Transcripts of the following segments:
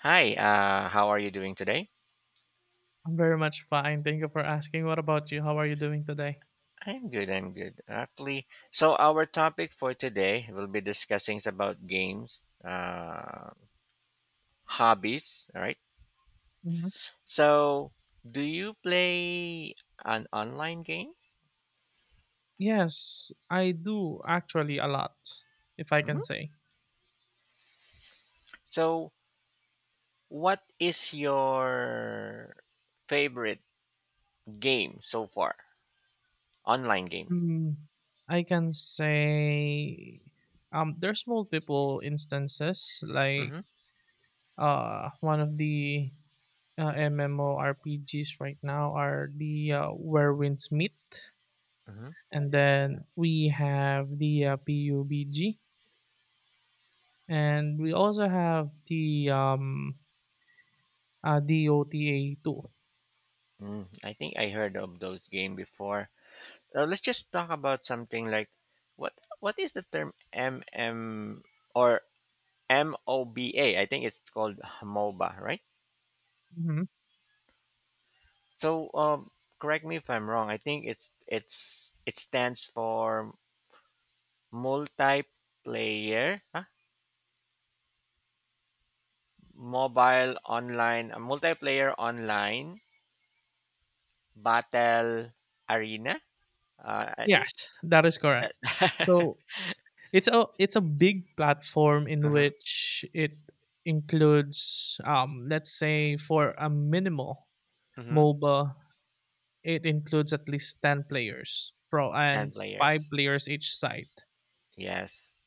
Hi, how are you doing today? I'm very much fine. Thank you for asking. What about you? How are you doing today? I'm good, I'm good. Actually, so our topic for today will be discussing about games, hobbies, all right? Hmm. So, do you play an online game? Yes, I do actually a lot, if I can Hmm. say. So, what is your favorite game so far? Online game. Mm, I can say there's multiple instances. Like, Mm-hmm. One of the MMORPGs right now are the Where Winds Meet, Mm-hmm. and then we have the PUBG, and we also have the DOTA two. Mm, I think I heard of those game before. Let's just talk about something like what is the term M M or MOBA? I think it's called MOBA, right? Mhm. So, correct me if I'm wrong. I think it stands for multiplayer, huh? Mobile online, multiplayer online battle arena. I think Yes, that is that. correct. So it's a big platform in Mm-hmm, which it includes, let's say, for a minimal mm-hmm. MOBA, it includes at least ten players pro Ten and five players. players each side. Yes.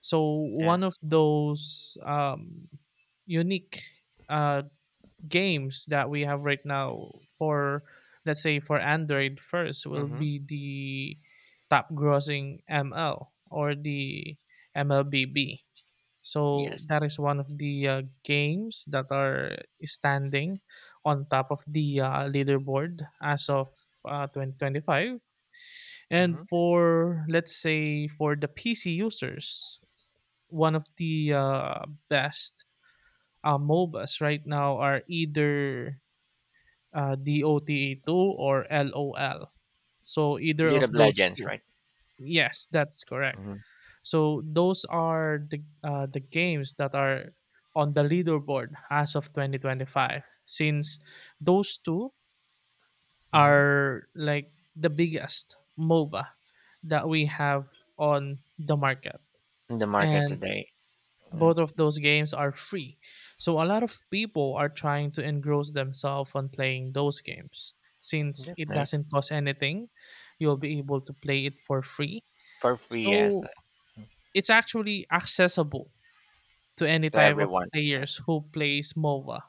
So Yeah. one of those unique uh, games that we have right now for, let's say, for Android first will Mm-hmm. be the top grossing ML or the MLBB. So Yes. that is one of the games that are standing on top of the leaderboard as of 2025. Mm-hmm. And for, let's say, for the PC users, one of the best MOBAs right now are either DOTA2 or LOL. So either League of of those Legends, 2. right? Yes, that's correct. Hmm. So those are the games that are on the leaderboard as of 2025 since those 2 Hmm. are like the biggest MOBA that we have on the market. In the market And today. Mm, both of those games are free. So a lot of people are trying to engross themselves on playing those games. Since that's it nice. doesn't cost anything, you'll be able to play it for free. For free, yes, So it's actually accessible to any to type of everyone. Yes. players who plays MOBA.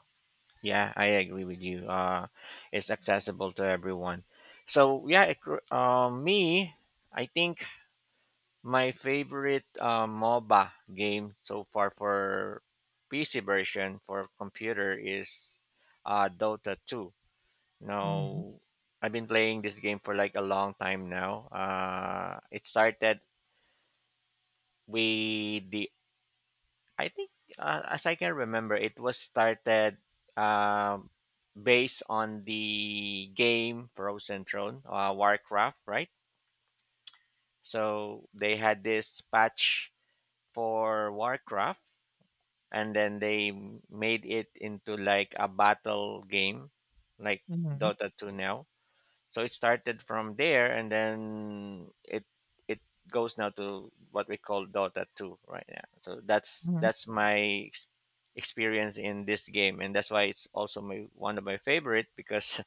Yeah, I agree with you. It's accessible to everyone. So yeah, I think my favorite MOBA game so far for PC version for computer is Dota 2. Hmm. Now, I've been playing this game for like a long time now. It started we the I think as I can remember, it was started um, based on the game Frozen Throne, Warcraft, right? So they had this patch for Warcraft, and then they made it into like a battle game, like Hmm. Dota two now. So it started from there, and then it goes now to what we call Dota two right now. So that's Hmm. that's my experience in this game, and that's why it's also my one of my favorite because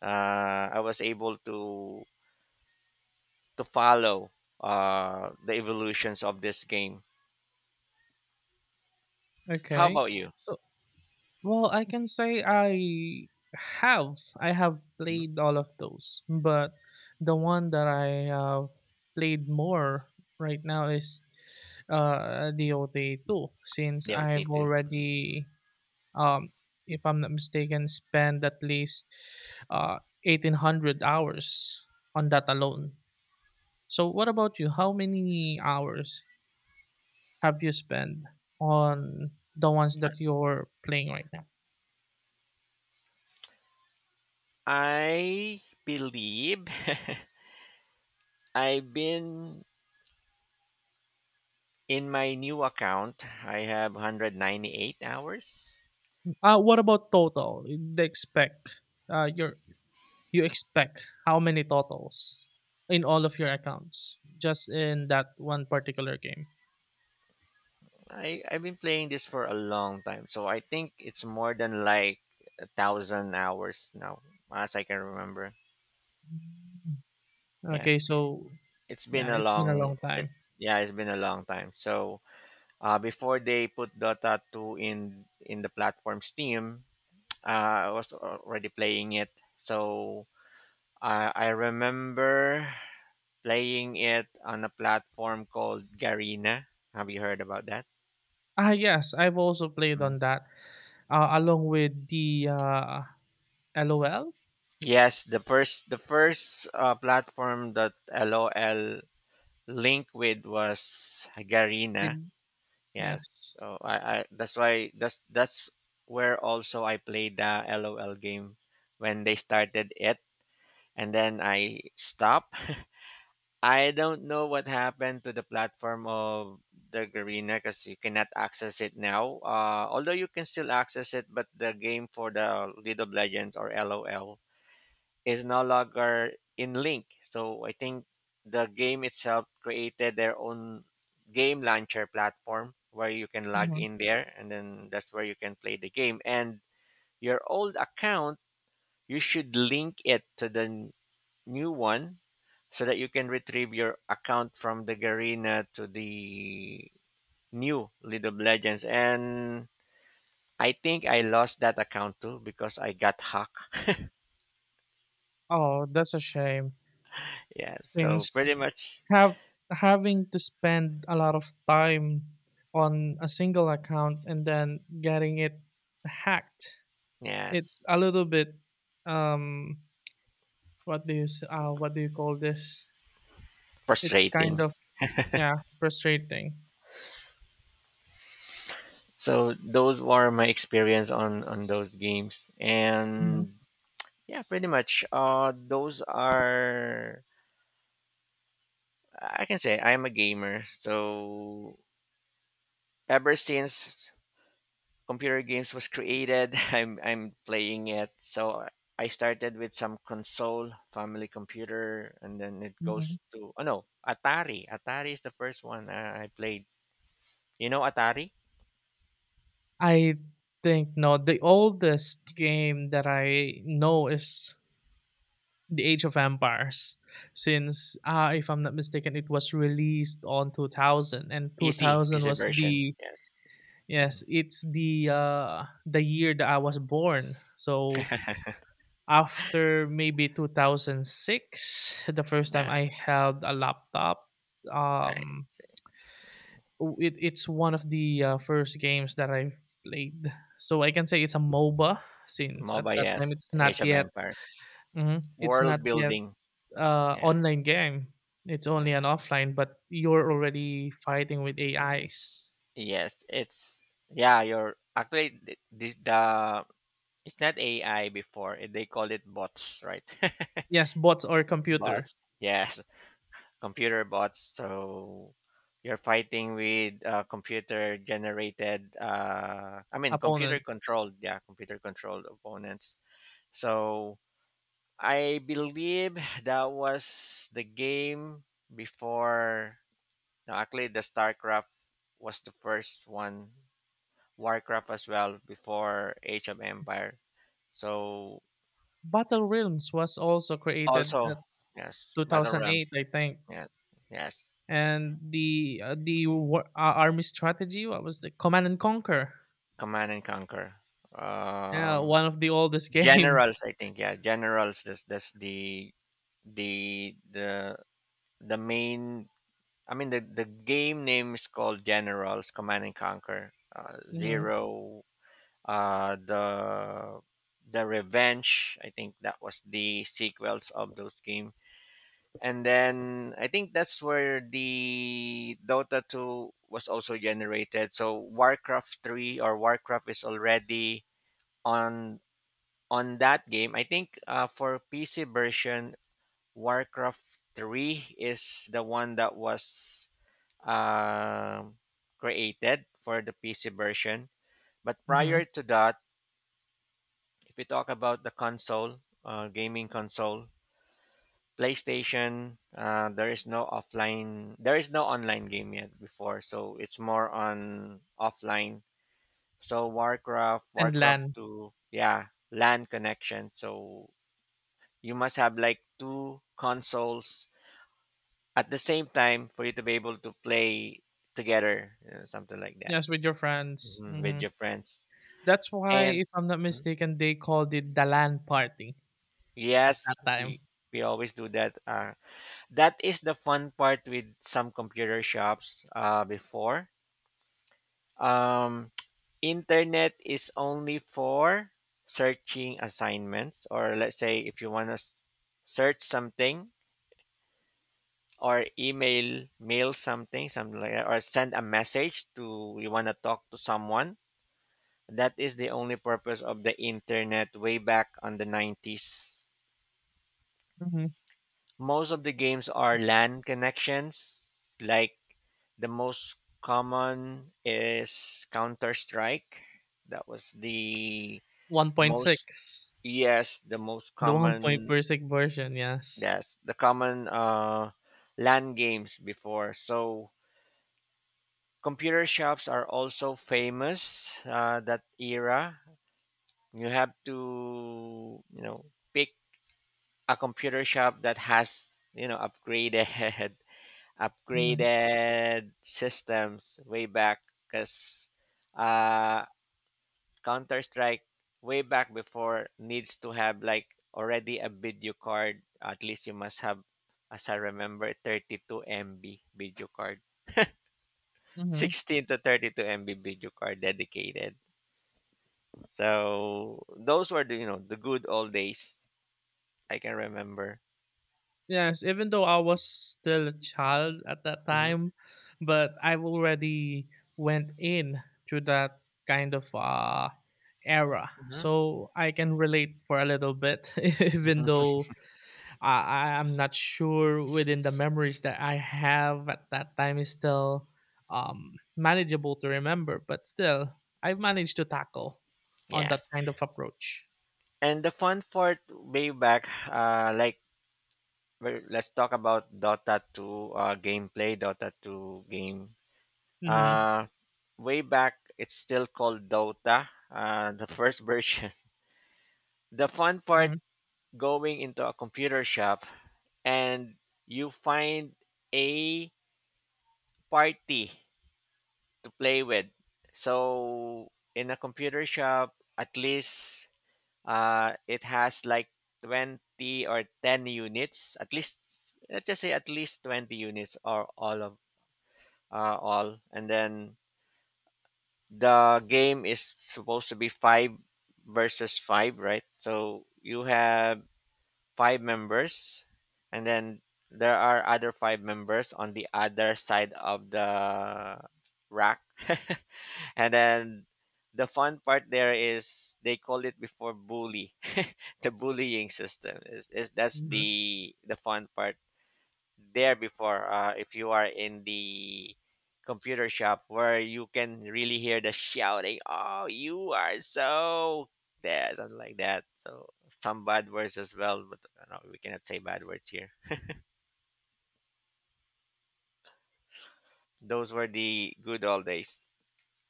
I was able to follow the evolutions of this game. So how Okay. about you? So, well, I can say I have Mhm. played all of those, but the one that I have played more right now is DOT too, since DOT I've two. already, um, if I'm not mistaken, spent at least uh, 1800 hours on that alone. So, what about you? How many hours have you spent on the ones that you're playing right now? I believe I've been in my new account, I have 198 hours. What about total? The expect your You expect how many totals in all of your accounts just in that one particular game? I've been playing this for a long time, so I think it's more than like 1,000 hours now, as I can remember. Yes, Okay, so, it's been yeah, a it's been a long, long it, time. yeah, it's been a long time. So, before they put Dota 2 in the platform Steam, I was already playing it. So I remember playing it on a platform called Garena. Have you heard about that? Ah, yes, I've also played Mm. on that, along with the LOL. Yes, the first platform that LOL linked with was Garena. With Yes, Yes. so I that's why that's where also I played the LOL game when they started it, and then I stopped. I don't know what happened to the platform of the Garena because you cannot access it now. Although you can still access it, but the game for the League of Legends or LOL is no longer in link. So I think the game itself created their own game launcher platform where you can log hmm in there and then that's where you can play the game. And your old account, you should link it to the new one so that you can retrieve your account from the Garena to the new League of Legends. And I think I lost that account too because I got hacked. oh, that's a shame. Yeah, so Since pretty much, have having to spend a lot of time on a single account and then getting it hacked, it's yes, a little bit, um, what do you call this? It's kind frustrating. of, yeah, frustrating. So those were my experience on those games, Hmm. and yeah, pretty much. Those are I can say I'm a gamer. So ever since computer games was created, I'm playing it. So I started with some console, family computer, and then it goes to oh no, Atari. Atari is the first one I played. You know Atari I think no. The oldest game that I know is The Age of Empires, since, if I'm not mistaken, it was released on 2000, and PC 2000 PC was version. the, Yes. yes, Mhm. it's the year that I was born. So after maybe 2006, the first time Yeah. I held a laptop, I, um, it's one of the first games that I've played. So I can say it's a MOBA since at MOBA, that time yes. it's not Age of yet. Empires. Mhm. It's not World yet building. Yeah, online game. It's only yeah. an offline, but you're already fighting with AIs. Yes, it's yeah, you're actually the it's not AI before. They call it bots, right? Yes, bots or computer Bots. Yes, computer bots. So you're fighting with computer generated I mean computer opponents. controlled, yeah, computer controlled opponents. So I believe that was the game before. Now, actually, the StarCraft was the first one, Warcraft as well, before Age of Empire. So, Battle Realms was also created also, at yes, Battle Realms. 2008, I think. Yes, yes, And the war, army strategy, what was the Command and Conquer? Command and Conquer. Yeah, Um, one of the oldest games. generals, I think. Yeah, generals. That's the the the the main. I mean, the game name is called Generals Command and Conquer. Mhm. Zero the Revenge. I think that was the sequels of those game. And then I think that's where the Dota 2 was also generated. So Warcraft 3 or Warcraft is already on on that game. I think for PC version, Warcraft 3 is the one that was um created for the PC version. But Mhm, prior to that, if we talk about the console, gaming console, PlayStation, there is no offline, there is no online game yet before, so it's more on offline. So Warcraft, and Warcraft LAN. 2, yeah, LAN connection. So you must have like two consoles at the same time for you to be able to play together, you know, something like that. Yes, with your friends, Mhm, with mhm. your friends. That's why, And if I'm not mhm. mistaken, they called it the LAN party at that Yes, we time. we always do that. That is the fun part with some computer shops before, um, internet is only for searching assignments, or let's say if you want to search something, or email mail something like that, or send a message to you want to talk to someone. That is the only purpose of the internet way back on the 90s. Mhm. Most of the games are LAN connections. Like the most common is Counter Strike. That was the most, 1.6, yes, the most the common, 1.6 version, yes. yes, the common LAN games before. So computer shops are also famous that era. You have to, you know, pick a computer shop that has, you know, upgraded Mhm. upgraded systems way back, because uh, Counter Strike way back before needs to have like already a video card. At least you must have, as I remember, 32 MB video card. Mhm. 16 to 32 MB video card dedicated. So those were the, you know, the good old days I can remember. Yes, even though I was still a child at that Hmm. time, but I've already went in to that kind of, era, Hmm. so I can relate for a little bit even though I am not sure within the memories that I have at that time is still, manageable to remember, but still, I've managed to tackle on that Yes. kind of approach. And the fun part way back, like, well, let's talk about Dota 2 gameplay. Dota 2 game. Mm-hmm. Uh, way back, it's still called Dota. The first version. The fun part Hmm. going into a computer shop, and you find a party to play with. So in a computer shop, at least it has like 20 or 10 units. At least let's just say at least 20 units, or all of, all. And then the game is supposed to be five versus five, right? So you have five members, and then there are other five members on the other side of the rack. And then the fun part there is, they call it before bully, the bullying system is that's Hmm. the fun part there before. If you are in the computer shop where you can really hear the shouting, oh, you are so there, something like that, so some bad words as well, but no, we cannot say bad words here. Those were the good old days.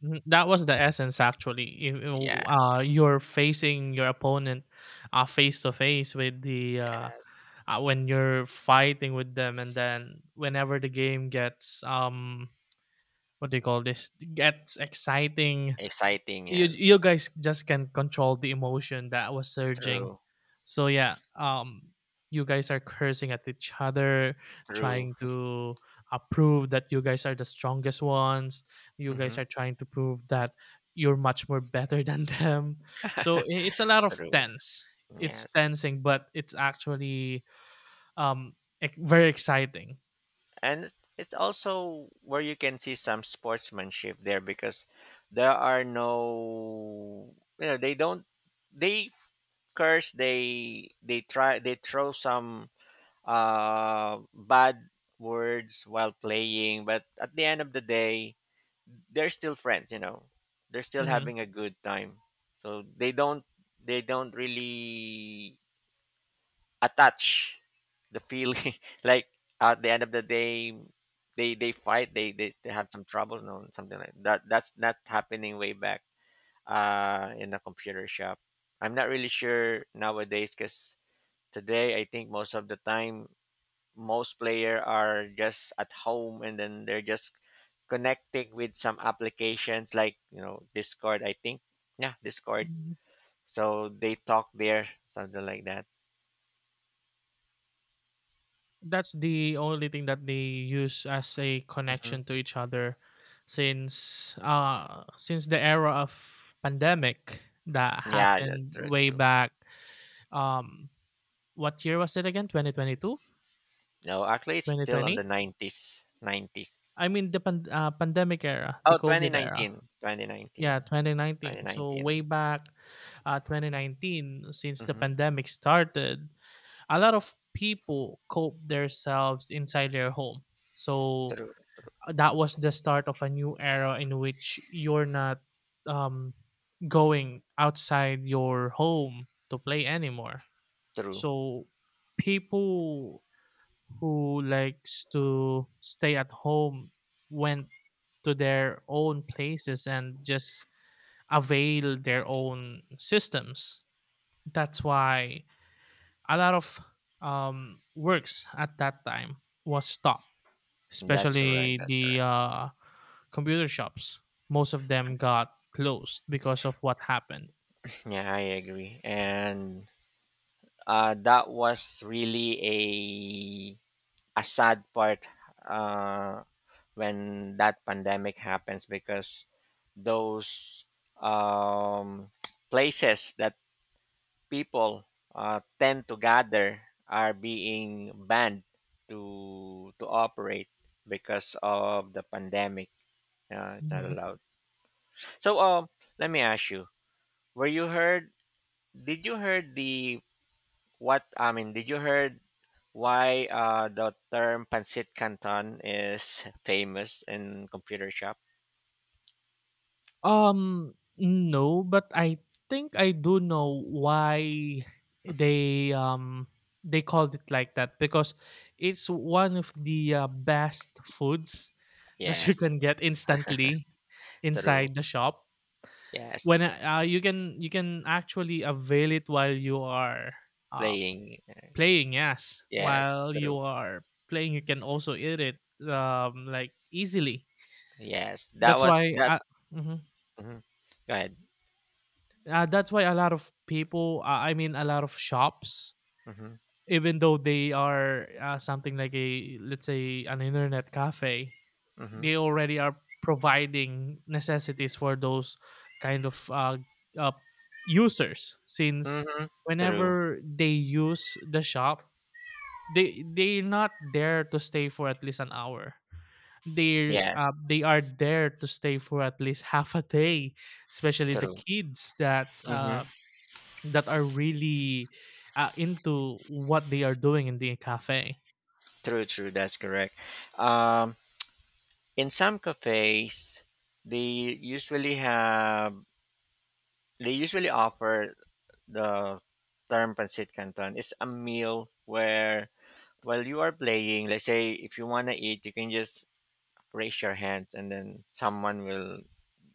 Hmm. That was the essence, actually. Yeah. You're facing your opponent, face to face with the Yes. When you're fighting with them. And then whenever the game gets, what do you call this? Gets exciting. Exciting, you yes. you guys just can't control the emotion that was surging. True. So, yeah, you guys are cursing at each other, True. trying to, prove that you guys are the strongest ones. You guys Hmm. are trying to prove that you're much more better than them. So, it's a lot of True. tense. It's Yes. tensing, but it's actually, um very exciting. And it's also where you can see some sportsmanship there, because there are no, you know, they don't, they curse, they try, they throw some bad words while playing, but at the end of the day they're still friends, you know, they're still Hmm. having a good time. So they don't really attach the feeling like at the end of the day they fight, they have some trouble, no, something like that. That's not happening way back in the computer shop. I'm not really sure nowadays, because today I think most of the time, most player are just at home, and then they're just connecting with some applications like, you know, Discord, I think. Yeah, Discord. So they talk there, something like that. That's the only thing that they use as a Hmm. connection to each other since the era of pandemic that Yeah. Yeah, happened true, way true. back. um what year was it again? 2022, No, actually, it's twenty still on the twenty 90s. 90s. I mean the pandemic era, the Oh, covid era. 2019. Yeah, 2019. 2019, so way back, 2019 since the Mm-hmm. pandemic started, a lot of people cope themselves inside their home. So True. that was the start of a new era in which you're not, um, going outside your home to play anymore. True. So people who likes to stay at home went to their own places and just avail their own systems. That's why a lot of, works at that time was stopped, That's correct. especially That's the correct. Computer shops. Most of them got closed because of what happened. Yeah, I agree. And that was really a sad part, uh, when that pandemic happens, because those, um, places that people, tend to gather are being banned to operate because of the pandemic. It's not Hmm. allowed. So, let me ask you: Were you heard? Did you heard the what? I mean, did you heard why, the term pancit canton is famous in computer shop? No, but I think I do know why they um they called it like that because it's one of the best foods that you Yes, can get instantly true. inside the shop. Yes, When, you can actually avail it while you are, uh, playing. playing, yes. Yes, While you true. are playing, you can also eat it, like easily. Yes, that That's was why, that. Mhm. Mhm. Go ahead. That's why a lot of people, I mean, a lot of shops, Hmm. even though they are, something like a, let's say, an internet cafe, Hmm. they already are providing necessities for those kind of, uh, users. Since Mm-hmm. True. whenever they use the shop, they're not there to stay for at least an hour. they Yes, uh, they are there to stay for at least half a day, especially the true. kids that Mm-hmm. uh, that are really into what they are doing in the cafe. True, true. That's correct. Um, in some cafes, they usually have, they usually offer the term pancit canton. It's a meal where while you are playing, let's say if you wanna eat, you can just raise your hand, and then someone will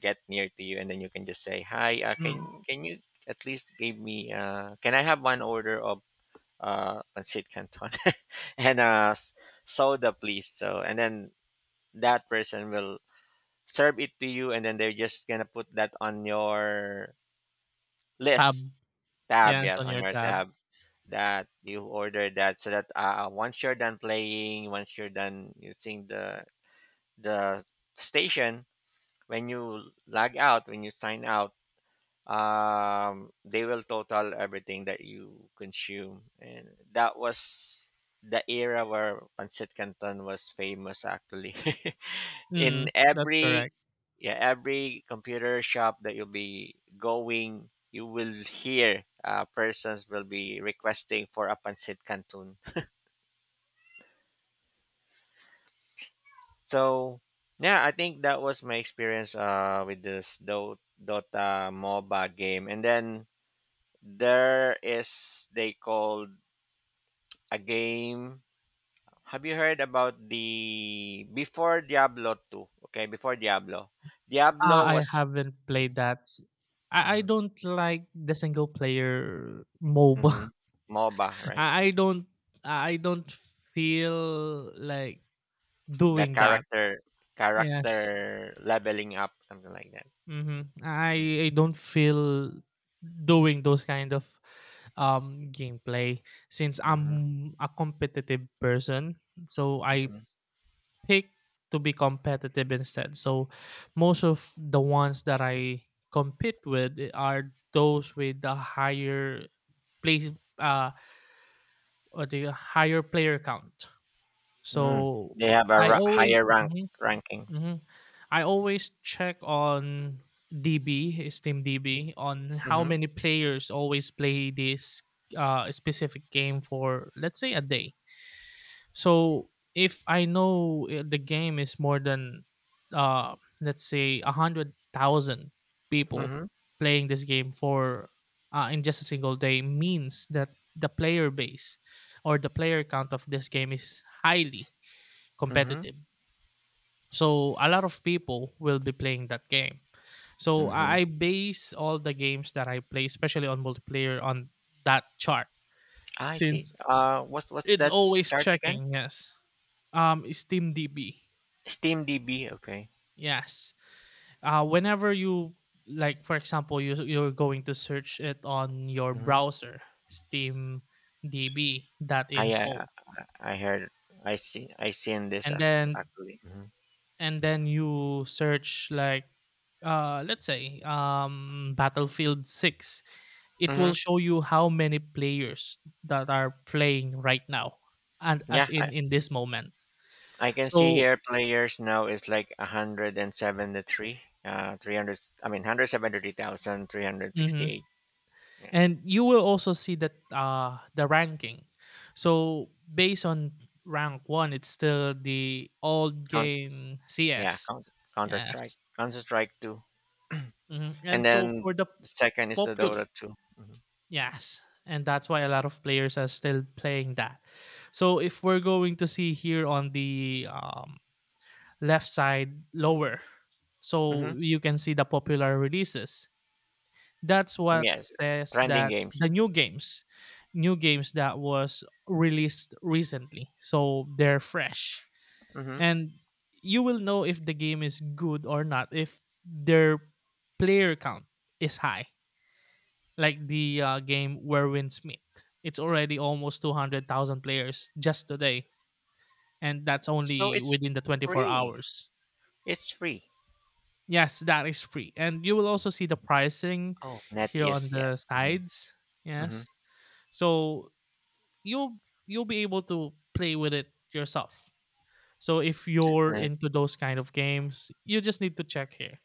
get near to you and then you can just say hi. Mm, can you at least give me? Can I have one order of let's say it, canton and soda, please. So and then that person will serve it to you, and then they're just gonna put that on your tab. list, tab. Yeah, it's Yes, on on your your tab. tab that you order that. So that once you're done playing, once you're done using the station, when you log out, when you sign out, they will total everything that you consume. And that was the era where pancit canton was famous, actually. Mm, In that's every, correct. yeah, every computer shop that you'll be going, you will hear persons will be requesting for a pancit canton. So yeah, I think that was my experience with this dota MOBA game. And then there is, they called a game. Have you heard about the before Diablo 2? Okay, before Diablo. Diablo I was. haven't played that. I Mhm, don't like the single player mhm. MOBA. MOBA, right? I I don't I don't feel like The doing that. character Yes. character leveling up, something like that. Mm-hmm. I don't feel doing those kind of gameplay since Mm-hmm. I'm a competitive person. So I Mm-hmm. pick to be competitive instead. So most of the ones that I compete with are those with the higher place, uh or the higher player count. Mm. So They have a I always higher rank, ranking. hmm I always check on DB, Steam DB, on how Mhm. many players always play this, specific game for, let's say, a day. So if I know, the game is more than, let's say, 100,000 people Mhm. playing this game for, in just a single day, means that the player base or the player count of this game is highly Mhm. competitive. So a lot of people will be playing that game. So Mhm. I base all the games that I play, especially on multiplayer, on that chart Ah, I see. since What's it's that always start again? checking. Yes, Steam DB. Steam DB, okay. Yes, whenever you, like, for example, you're going to search it on your Mhm. browser, Steam DB that I info, uh, I heard, I see, I seen this and then actually. You search, like, let's say, Battlefield 6, it Mm-hmm. will show you how many players that are playing right now and as Yeah, I, in this moment, I can see so here players now is like 173, 300, I mean mhm. 173,368. Yeah, And you will also see that, the ranking, so based on rank 1 it's still the old count, game yeah, CS. count, Counter Strike, Yes. Counter Strike 2. Mhm. And and so for then the the second is the popular Dota 2. Mm-hmm. Yes, and that's why a lot of players are still playing that. So if we're going to see here on the, left side lower, Mm-hmm. so you can see the popular releases. That's what Yes, says trending that games. the new games that was released recently, so they're fresh, Mm-hmm. and you will know if the game is good or not if their player count is high, like the game Werwin Smith. It's already almost 200,000 players just today, and that's So only it's within the 24 free. hours. It's free. Yes, that is free. And you will also see the pricing Oh, net here on is, the yes. Mm-hmm. sides. Mm-hmm. Yes. So you'll you'll be able to play with it yourself. So if That's you're nice. into those kind of games, you just need to check here.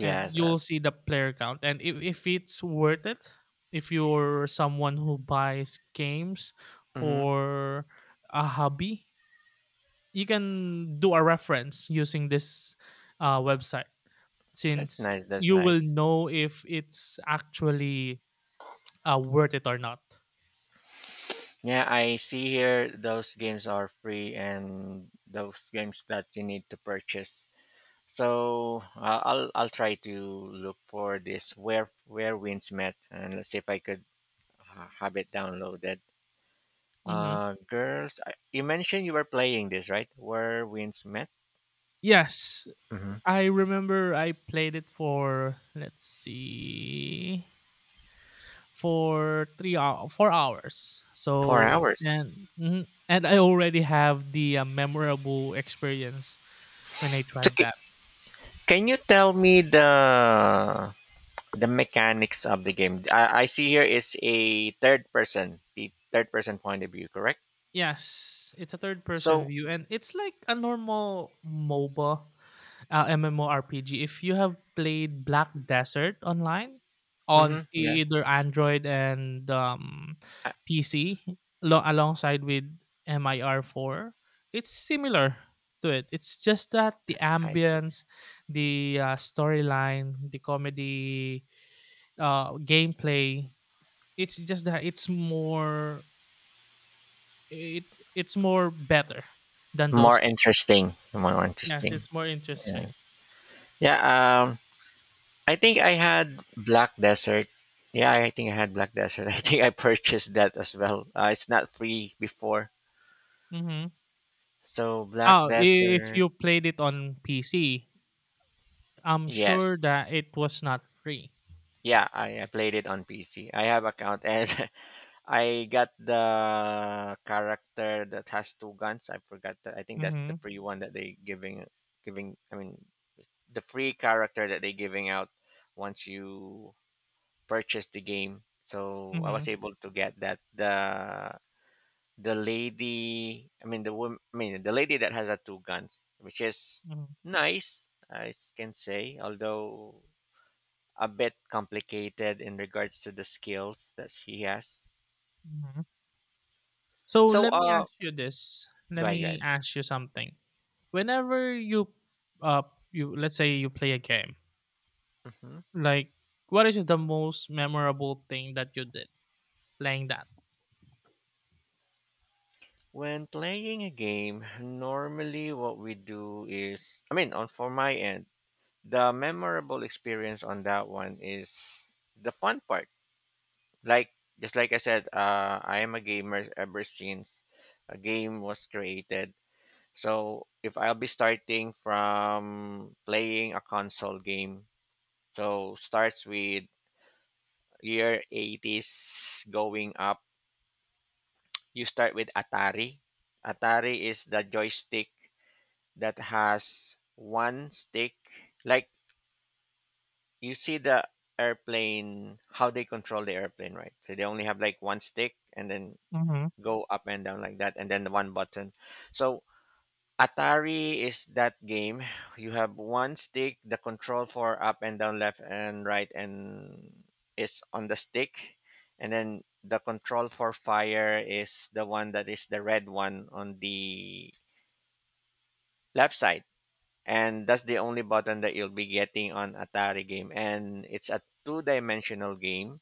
And Uh, you'll see the player count and if it's worth it, if you're someone who buys games mm-hmm. for a hobby, you can do a reference using this, website That's since nice. That's you will nice. know if it's actually, worth it or not. Yeah, I see here those games are free, and those games that you need to purchase. So I'll try to look for this Where Winds Met, and let's see if I could have it downloaded. Hmm. Girls, you mentioned you were playing this, right? Where Winds Met. Yes, Hmm. I remember I played it for, let's see, for 3 hour, 4 hours. Four So, hours. and I already have the, memorable experience when I So tried that. can you tell me the mechanics of the game? I see here it's a third person, the third person point of view, correct? Yes, it's a third person So. view and it's like a normal MOBA, MMORPG. If you have played Black Desert online on Mm-hmm. Yeah, either Android and I, PC alongside with MIR4, it's similar to it. It's just that the I see. ambience, the storyline, the comedy, gameplay, it's just that it's more It it's more better than More those games. interesting. More Yes, interesting. it's more interesting. Yes. Yeah. Um. I think I had Black Desert. Yeah, I think I had Black Desert. I think I purchased that as well. It's not free before. Mhm. So Black Oh, if Desert. you played it on PC, I'm Yes. sure that it was not free. Yeah, I played it on PC. I have account, and I got the character that has two guns. I forgot that. I think that's the Mhm. free one that they giving I mean, the free character that they're giving out once you purchase the game. So I was Mhm. able to get that the lady, I mean the woman, I mean the lady that has the two guns, which is Mhm. nice, I can say, although a bit complicated in regards to the skills that she has. Mhm. So So let me ask you this. go Let ahead, go me ahead. ask you something. Whenever you uh let's say you play a game, Hmm. like what is the most memorable thing that you did playing that? When playing a game, normally what we do is, I mean, on for my end. The memorable experience on that one is the fun part. Like, just like I said, I am a gamer ever since a game was created. So if I'll be starting from playing a console game, so starts with year 80s going up. You start with Atari. Atari is the joystick that has one stick. Like, you see the airplane, how they control the airplane, right? So they only have like one stick, and then Mhm. go up and down like that, and then the one button. So Atari is that game. You have one stick, the control for up and down, left and right, and is on the stick. And then the control for fire is the one that is the red one on the left side. And that's the only button that you'll be getting on Atari game, and it's a two-dimensional game.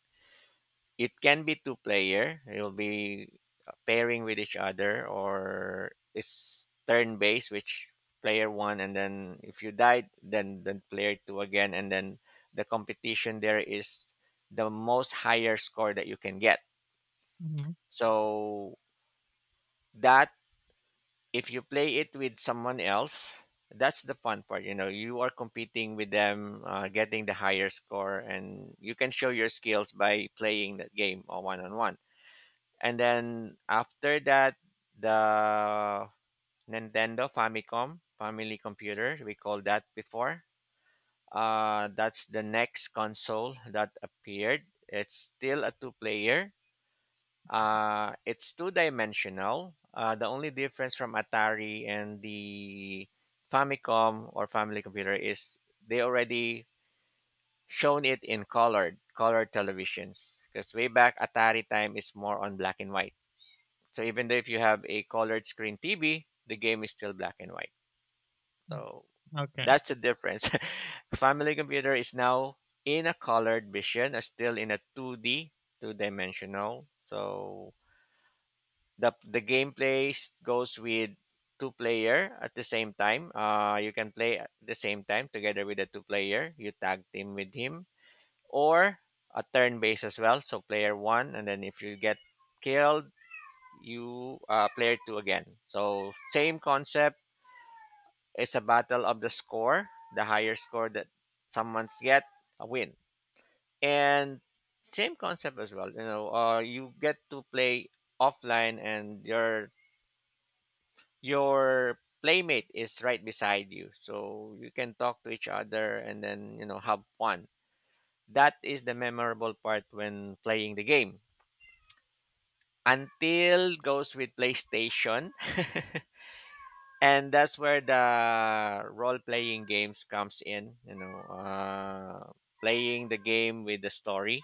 It can be two player. You'll be pairing with each other, or it's turn based, which player one, and then if you died, then player two again, and then the competition there is the most higher score that you can get. Mhm. So that if you play it with someone else, that's the fun part. You know, you are competing with them, getting the higher score, and you can show your skills by playing that game one on one. And then after that, the Nintendo Famicom family computer, we called that before. That's the next console that appeared. It's still a two player. It's two dimensional. The only difference from Atari and the Famicom or family computer is they already shown it in colored televisions, because way back Atari time is more on black and white. So even though if you have a colored screen TV, the game is still black and white. So Okay. that's the difference. Family computer is now in a colored vision, still in a 2D, two dimensional. So the gameplay goes with two player at the same time. You can play at the same time together with the two player. You tag team with him, or a turn base as well. So player one, and then if you get killed, you player two again. So same concept. It's a battle of the score. The higher score that someone's get, a win. And same concept as well. You know, you get to play offline, and your playmate is right beside you, so you can talk to each other, and then have fun. That is the memorable part when playing the game. Until goes with PlayStation. And that's where the role playing games comes in, playing the game with the story.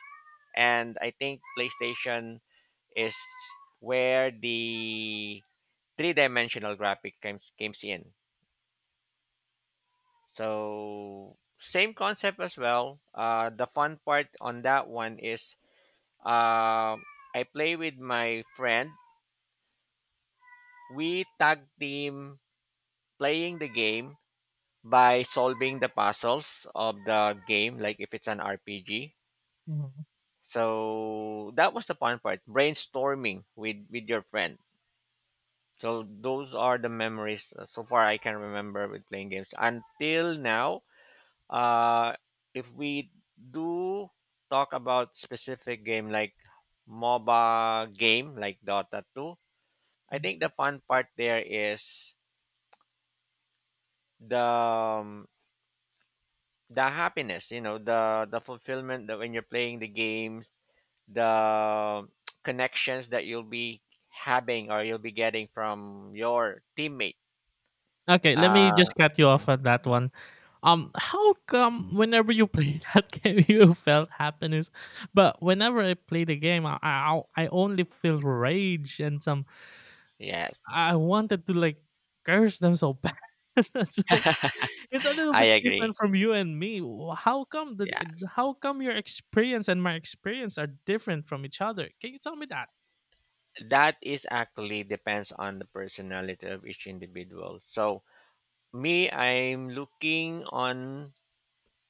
And I think PlayStation is where the three dimensional graphic comes in. So same concept as well. Uh, the fun part on that one is uh, I play with my friend, we tag team playing the game by solving the puzzles of the game, like if it's an RPG. Mhm. So that was the fun part, brainstorming with your friend. So those are the memories so far I can remember with playing games until now. Uh, if we do talk about specific game like MOBA game like Dota 2, I think the fun part there is the um, the happiness, the fulfillment that when you're playing the games, the connections that you'll be having or you'll be getting from your teammate. Okay, let me uh just cut you off at that one. How come whenever you play that game you felt happiness, but whenever I play the game, I only feel rage and some. yes I wanted to like curse them so bad. So it's a little I bit agree. different from you and me. How come Yeah, your experience and my experience are different from each other? Can you tell me that? that is actually depends on the personality of each individual. So me, I'm looking on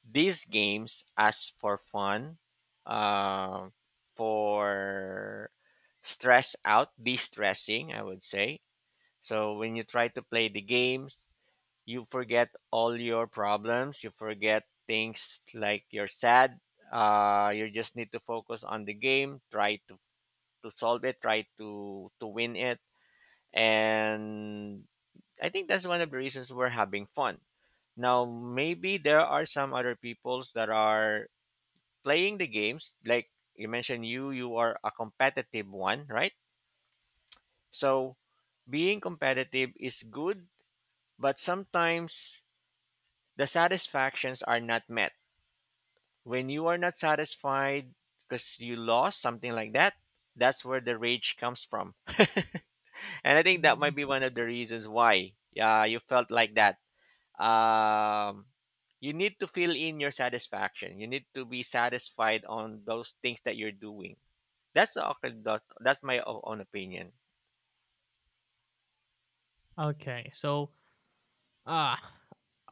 these games as for fun, uh, for stress out, de-stressing, I would say. So when you try to play the games, you forget all your problems. You forget things like you're sad. You just need to focus on the game. Try to solve it. Try to win it. And I think that's one of the reasons we're having fun. Now maybe there are some other peoples that are playing the games. Like you mentioned, you are a competitive one, right? So being competitive is good, but sometimes the satisfactions are not met. When you are not satisfied because you lost something like that, that's where the rage comes from. And I think that might Mm. be one of the reasons why you felt like that. Um, you need to fill in your satisfaction. You need to be satisfied on those things that you're doing. That's the, that's my own opinion. Okay, so uh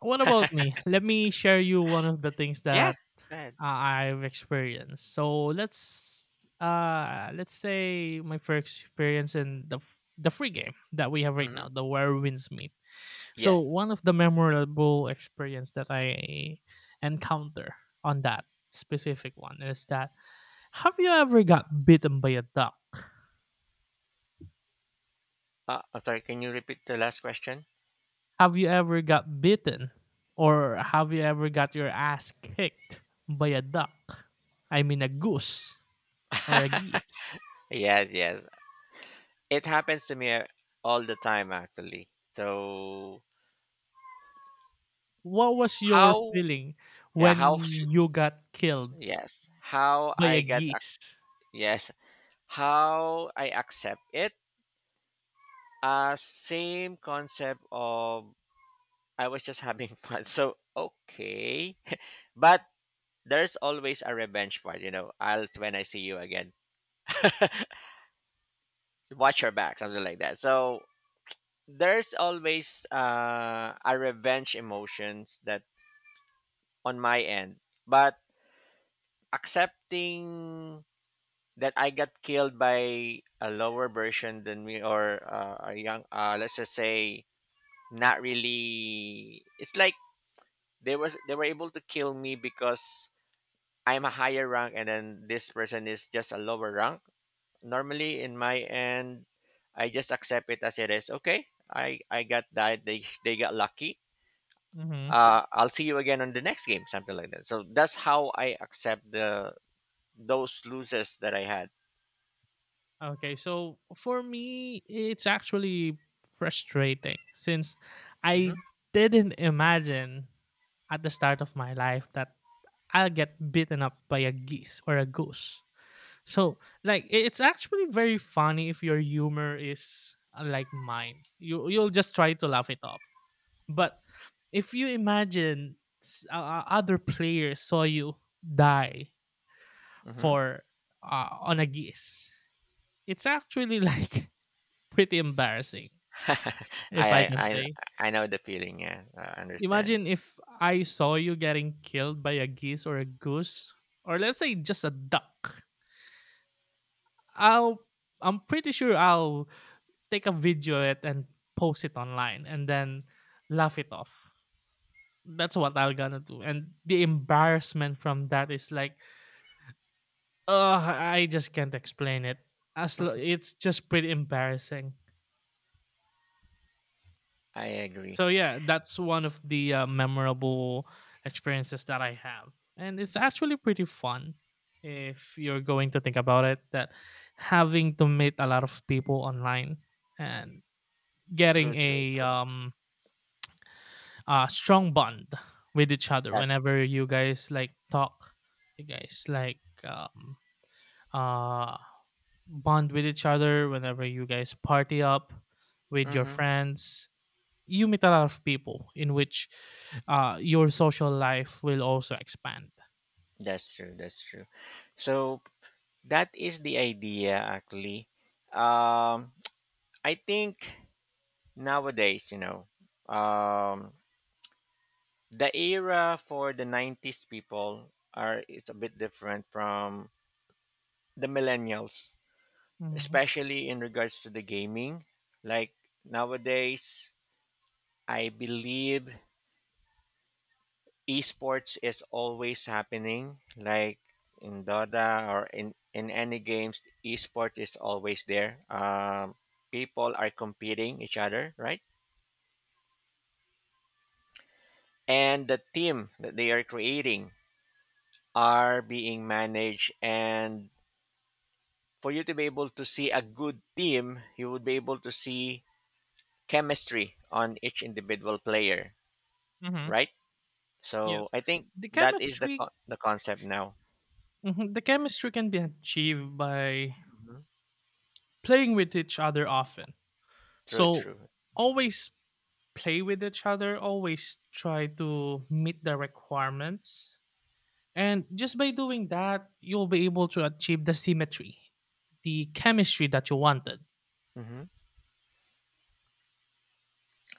what about me? Let me share you one of the things Yeah. that Go ahead. uh, I've experienced. So let's say my first experience in the the free game that we have right Hmm. now, the where winds Meet. So Yes. one of the memorable experience that I encounter on that specific one is that, have you ever got bitten by a duck? I'm sorry. Can you repeat the last question? Have you ever got bitten or have you ever got your ass kicked by a duck? I mean a goose or a geese. Yes. Yes. It happens to me all the time, actually. So What was your how, feeling yeah, how when should, you got killed yes, how by I a get geese? yes, how I accept it. Same concept of I was just having fun. So okay. But there's always a revenge part, you know. I'll, when I see you again. Watch your back, something like that. So there's always a revenge emotions that on my end, but accepting that I got killed by a lower version than me, or a young, let's just say, not really it's like they were able to kill me because I'm a higher rank, and then this person is just a lower rank. Normally in my end I just accept it as it is. Okay. I got died, they they got lucky. Hmm. I'll see you again on the next game, something like that. So that's how I accept the those losses that I had. Okay, so for me, it's actually frustrating since Mhm. I didn't imagine at the start of my life that I'll get beaten up by a geese or a goose. So, like, it's actually very funny if your humor is like mine. You'll just try to laugh it off. But if you imagine other players saw you die Mm-hmm. for on a geese, it's actually like pretty embarrassing, I, if I I can I say. I know the feeling. Yeah, I understand. Imagine if I saw you getting killed by a geese or a goose, or let's say just a duck. I'll I'm pretty sure I'll take a video of it and post it online and then laugh it off. That's what I'm gonna do. And the embarrassment from that is like, ugh, I just can't explain it. It's just pretty embarrassing. I agree. So yeah, that's one of the memorable experiences that I have, and it's actually pretty fun if you're going to think about it. That having to meet a lot of people online and getting True, true, true. A strong bond with each other That's whenever you guys like talk, you guys like uh bond with each other whenever you guys party up with your mm-hmm. friends, you meet a lot of people in which your social life will also expand. That's true. That's true. So that is the idea, actually. Um, I think nowadays, you know, um, the era for the '90s people are it's a bit different from the millennials, especially in regards to the gaming. Like nowadays, I believe esports is always happening, like in dota or in any games, esports is always there. People are competing each other, right? And the team that they are creating are being managed. And for you to be able to see a good team, you would be able to see chemistry on each individual player, Mm-hmm. right? So Yes, I think the that is chemistry. The concept now. Mhm. The chemistry can be achieved by Mhm. playing with each other often. True, So true. always play with each other, always try to meet the requirements. And just by doing that, you'll be able to achieve the symmetry, the chemistry that you wanted. Mhm.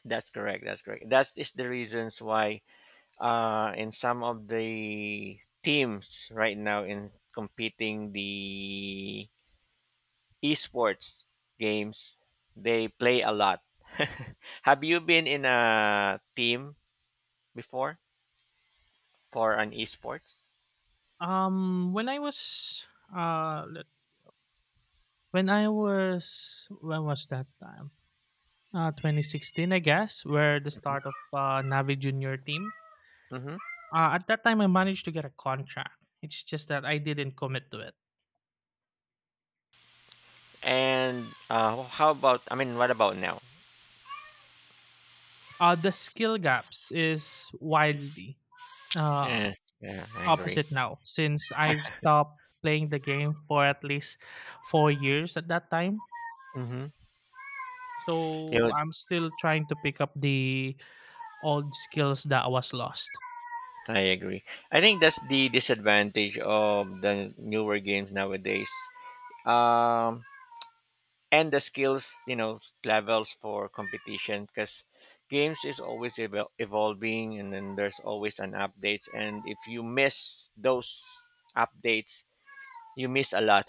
That's correct. That's correct. That is the reasons why, in some of the teams right now in competing the esports games, they play a lot. Have you been in a team before for an esports? When I was uh let- when I was, when was that time? 2016, I guess, where the Mm. start of Navi Junior team. Mm-hmm. At that time, I managed to get a contract. It's just that I didn't commit to it. And how about? I mean, what about now? The skill gaps is wildly uh, Yeah, yeah, I agree. opposite now since I've stopped playing the game for at least 4 years at that time. Mm-hmm. Yeah, So I'm still trying to pick up the old skills that was lost. I agree. I think that's the disadvantage of the newer games nowadays. um, and the skills, levels for competition, because games is always evolving, and then there's always an update. And if you miss those updates, you miss a lot.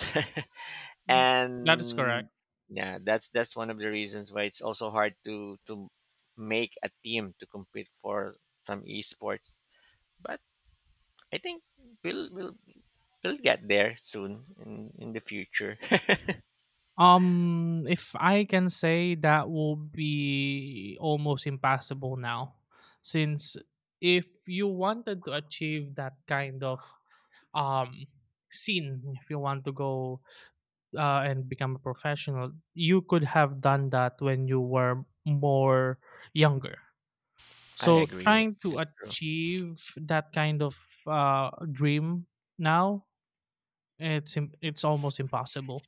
Mhm. That is And correct. yeah, that's one of the reasons why it's also hard to make a team to compete for some esports, but I think we'll we'll, we'll get there soon in the future. If I can say that will be almost impossible now, since if you wanted to achieve that kind of um scene, if you want to go and become a professional, you could have done that when you were more younger. I So agree, trying this to is true. achieve that kind of dream now, it's almost impossible.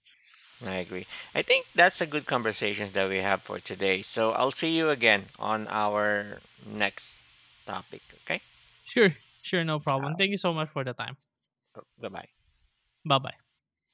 I agree. I think that's a good conversations that we have for today. So I'll see you again on our next topic. Okay. Sure, sure, no All problem. right. Thank you so much for the time. Goodbye. Bye bye.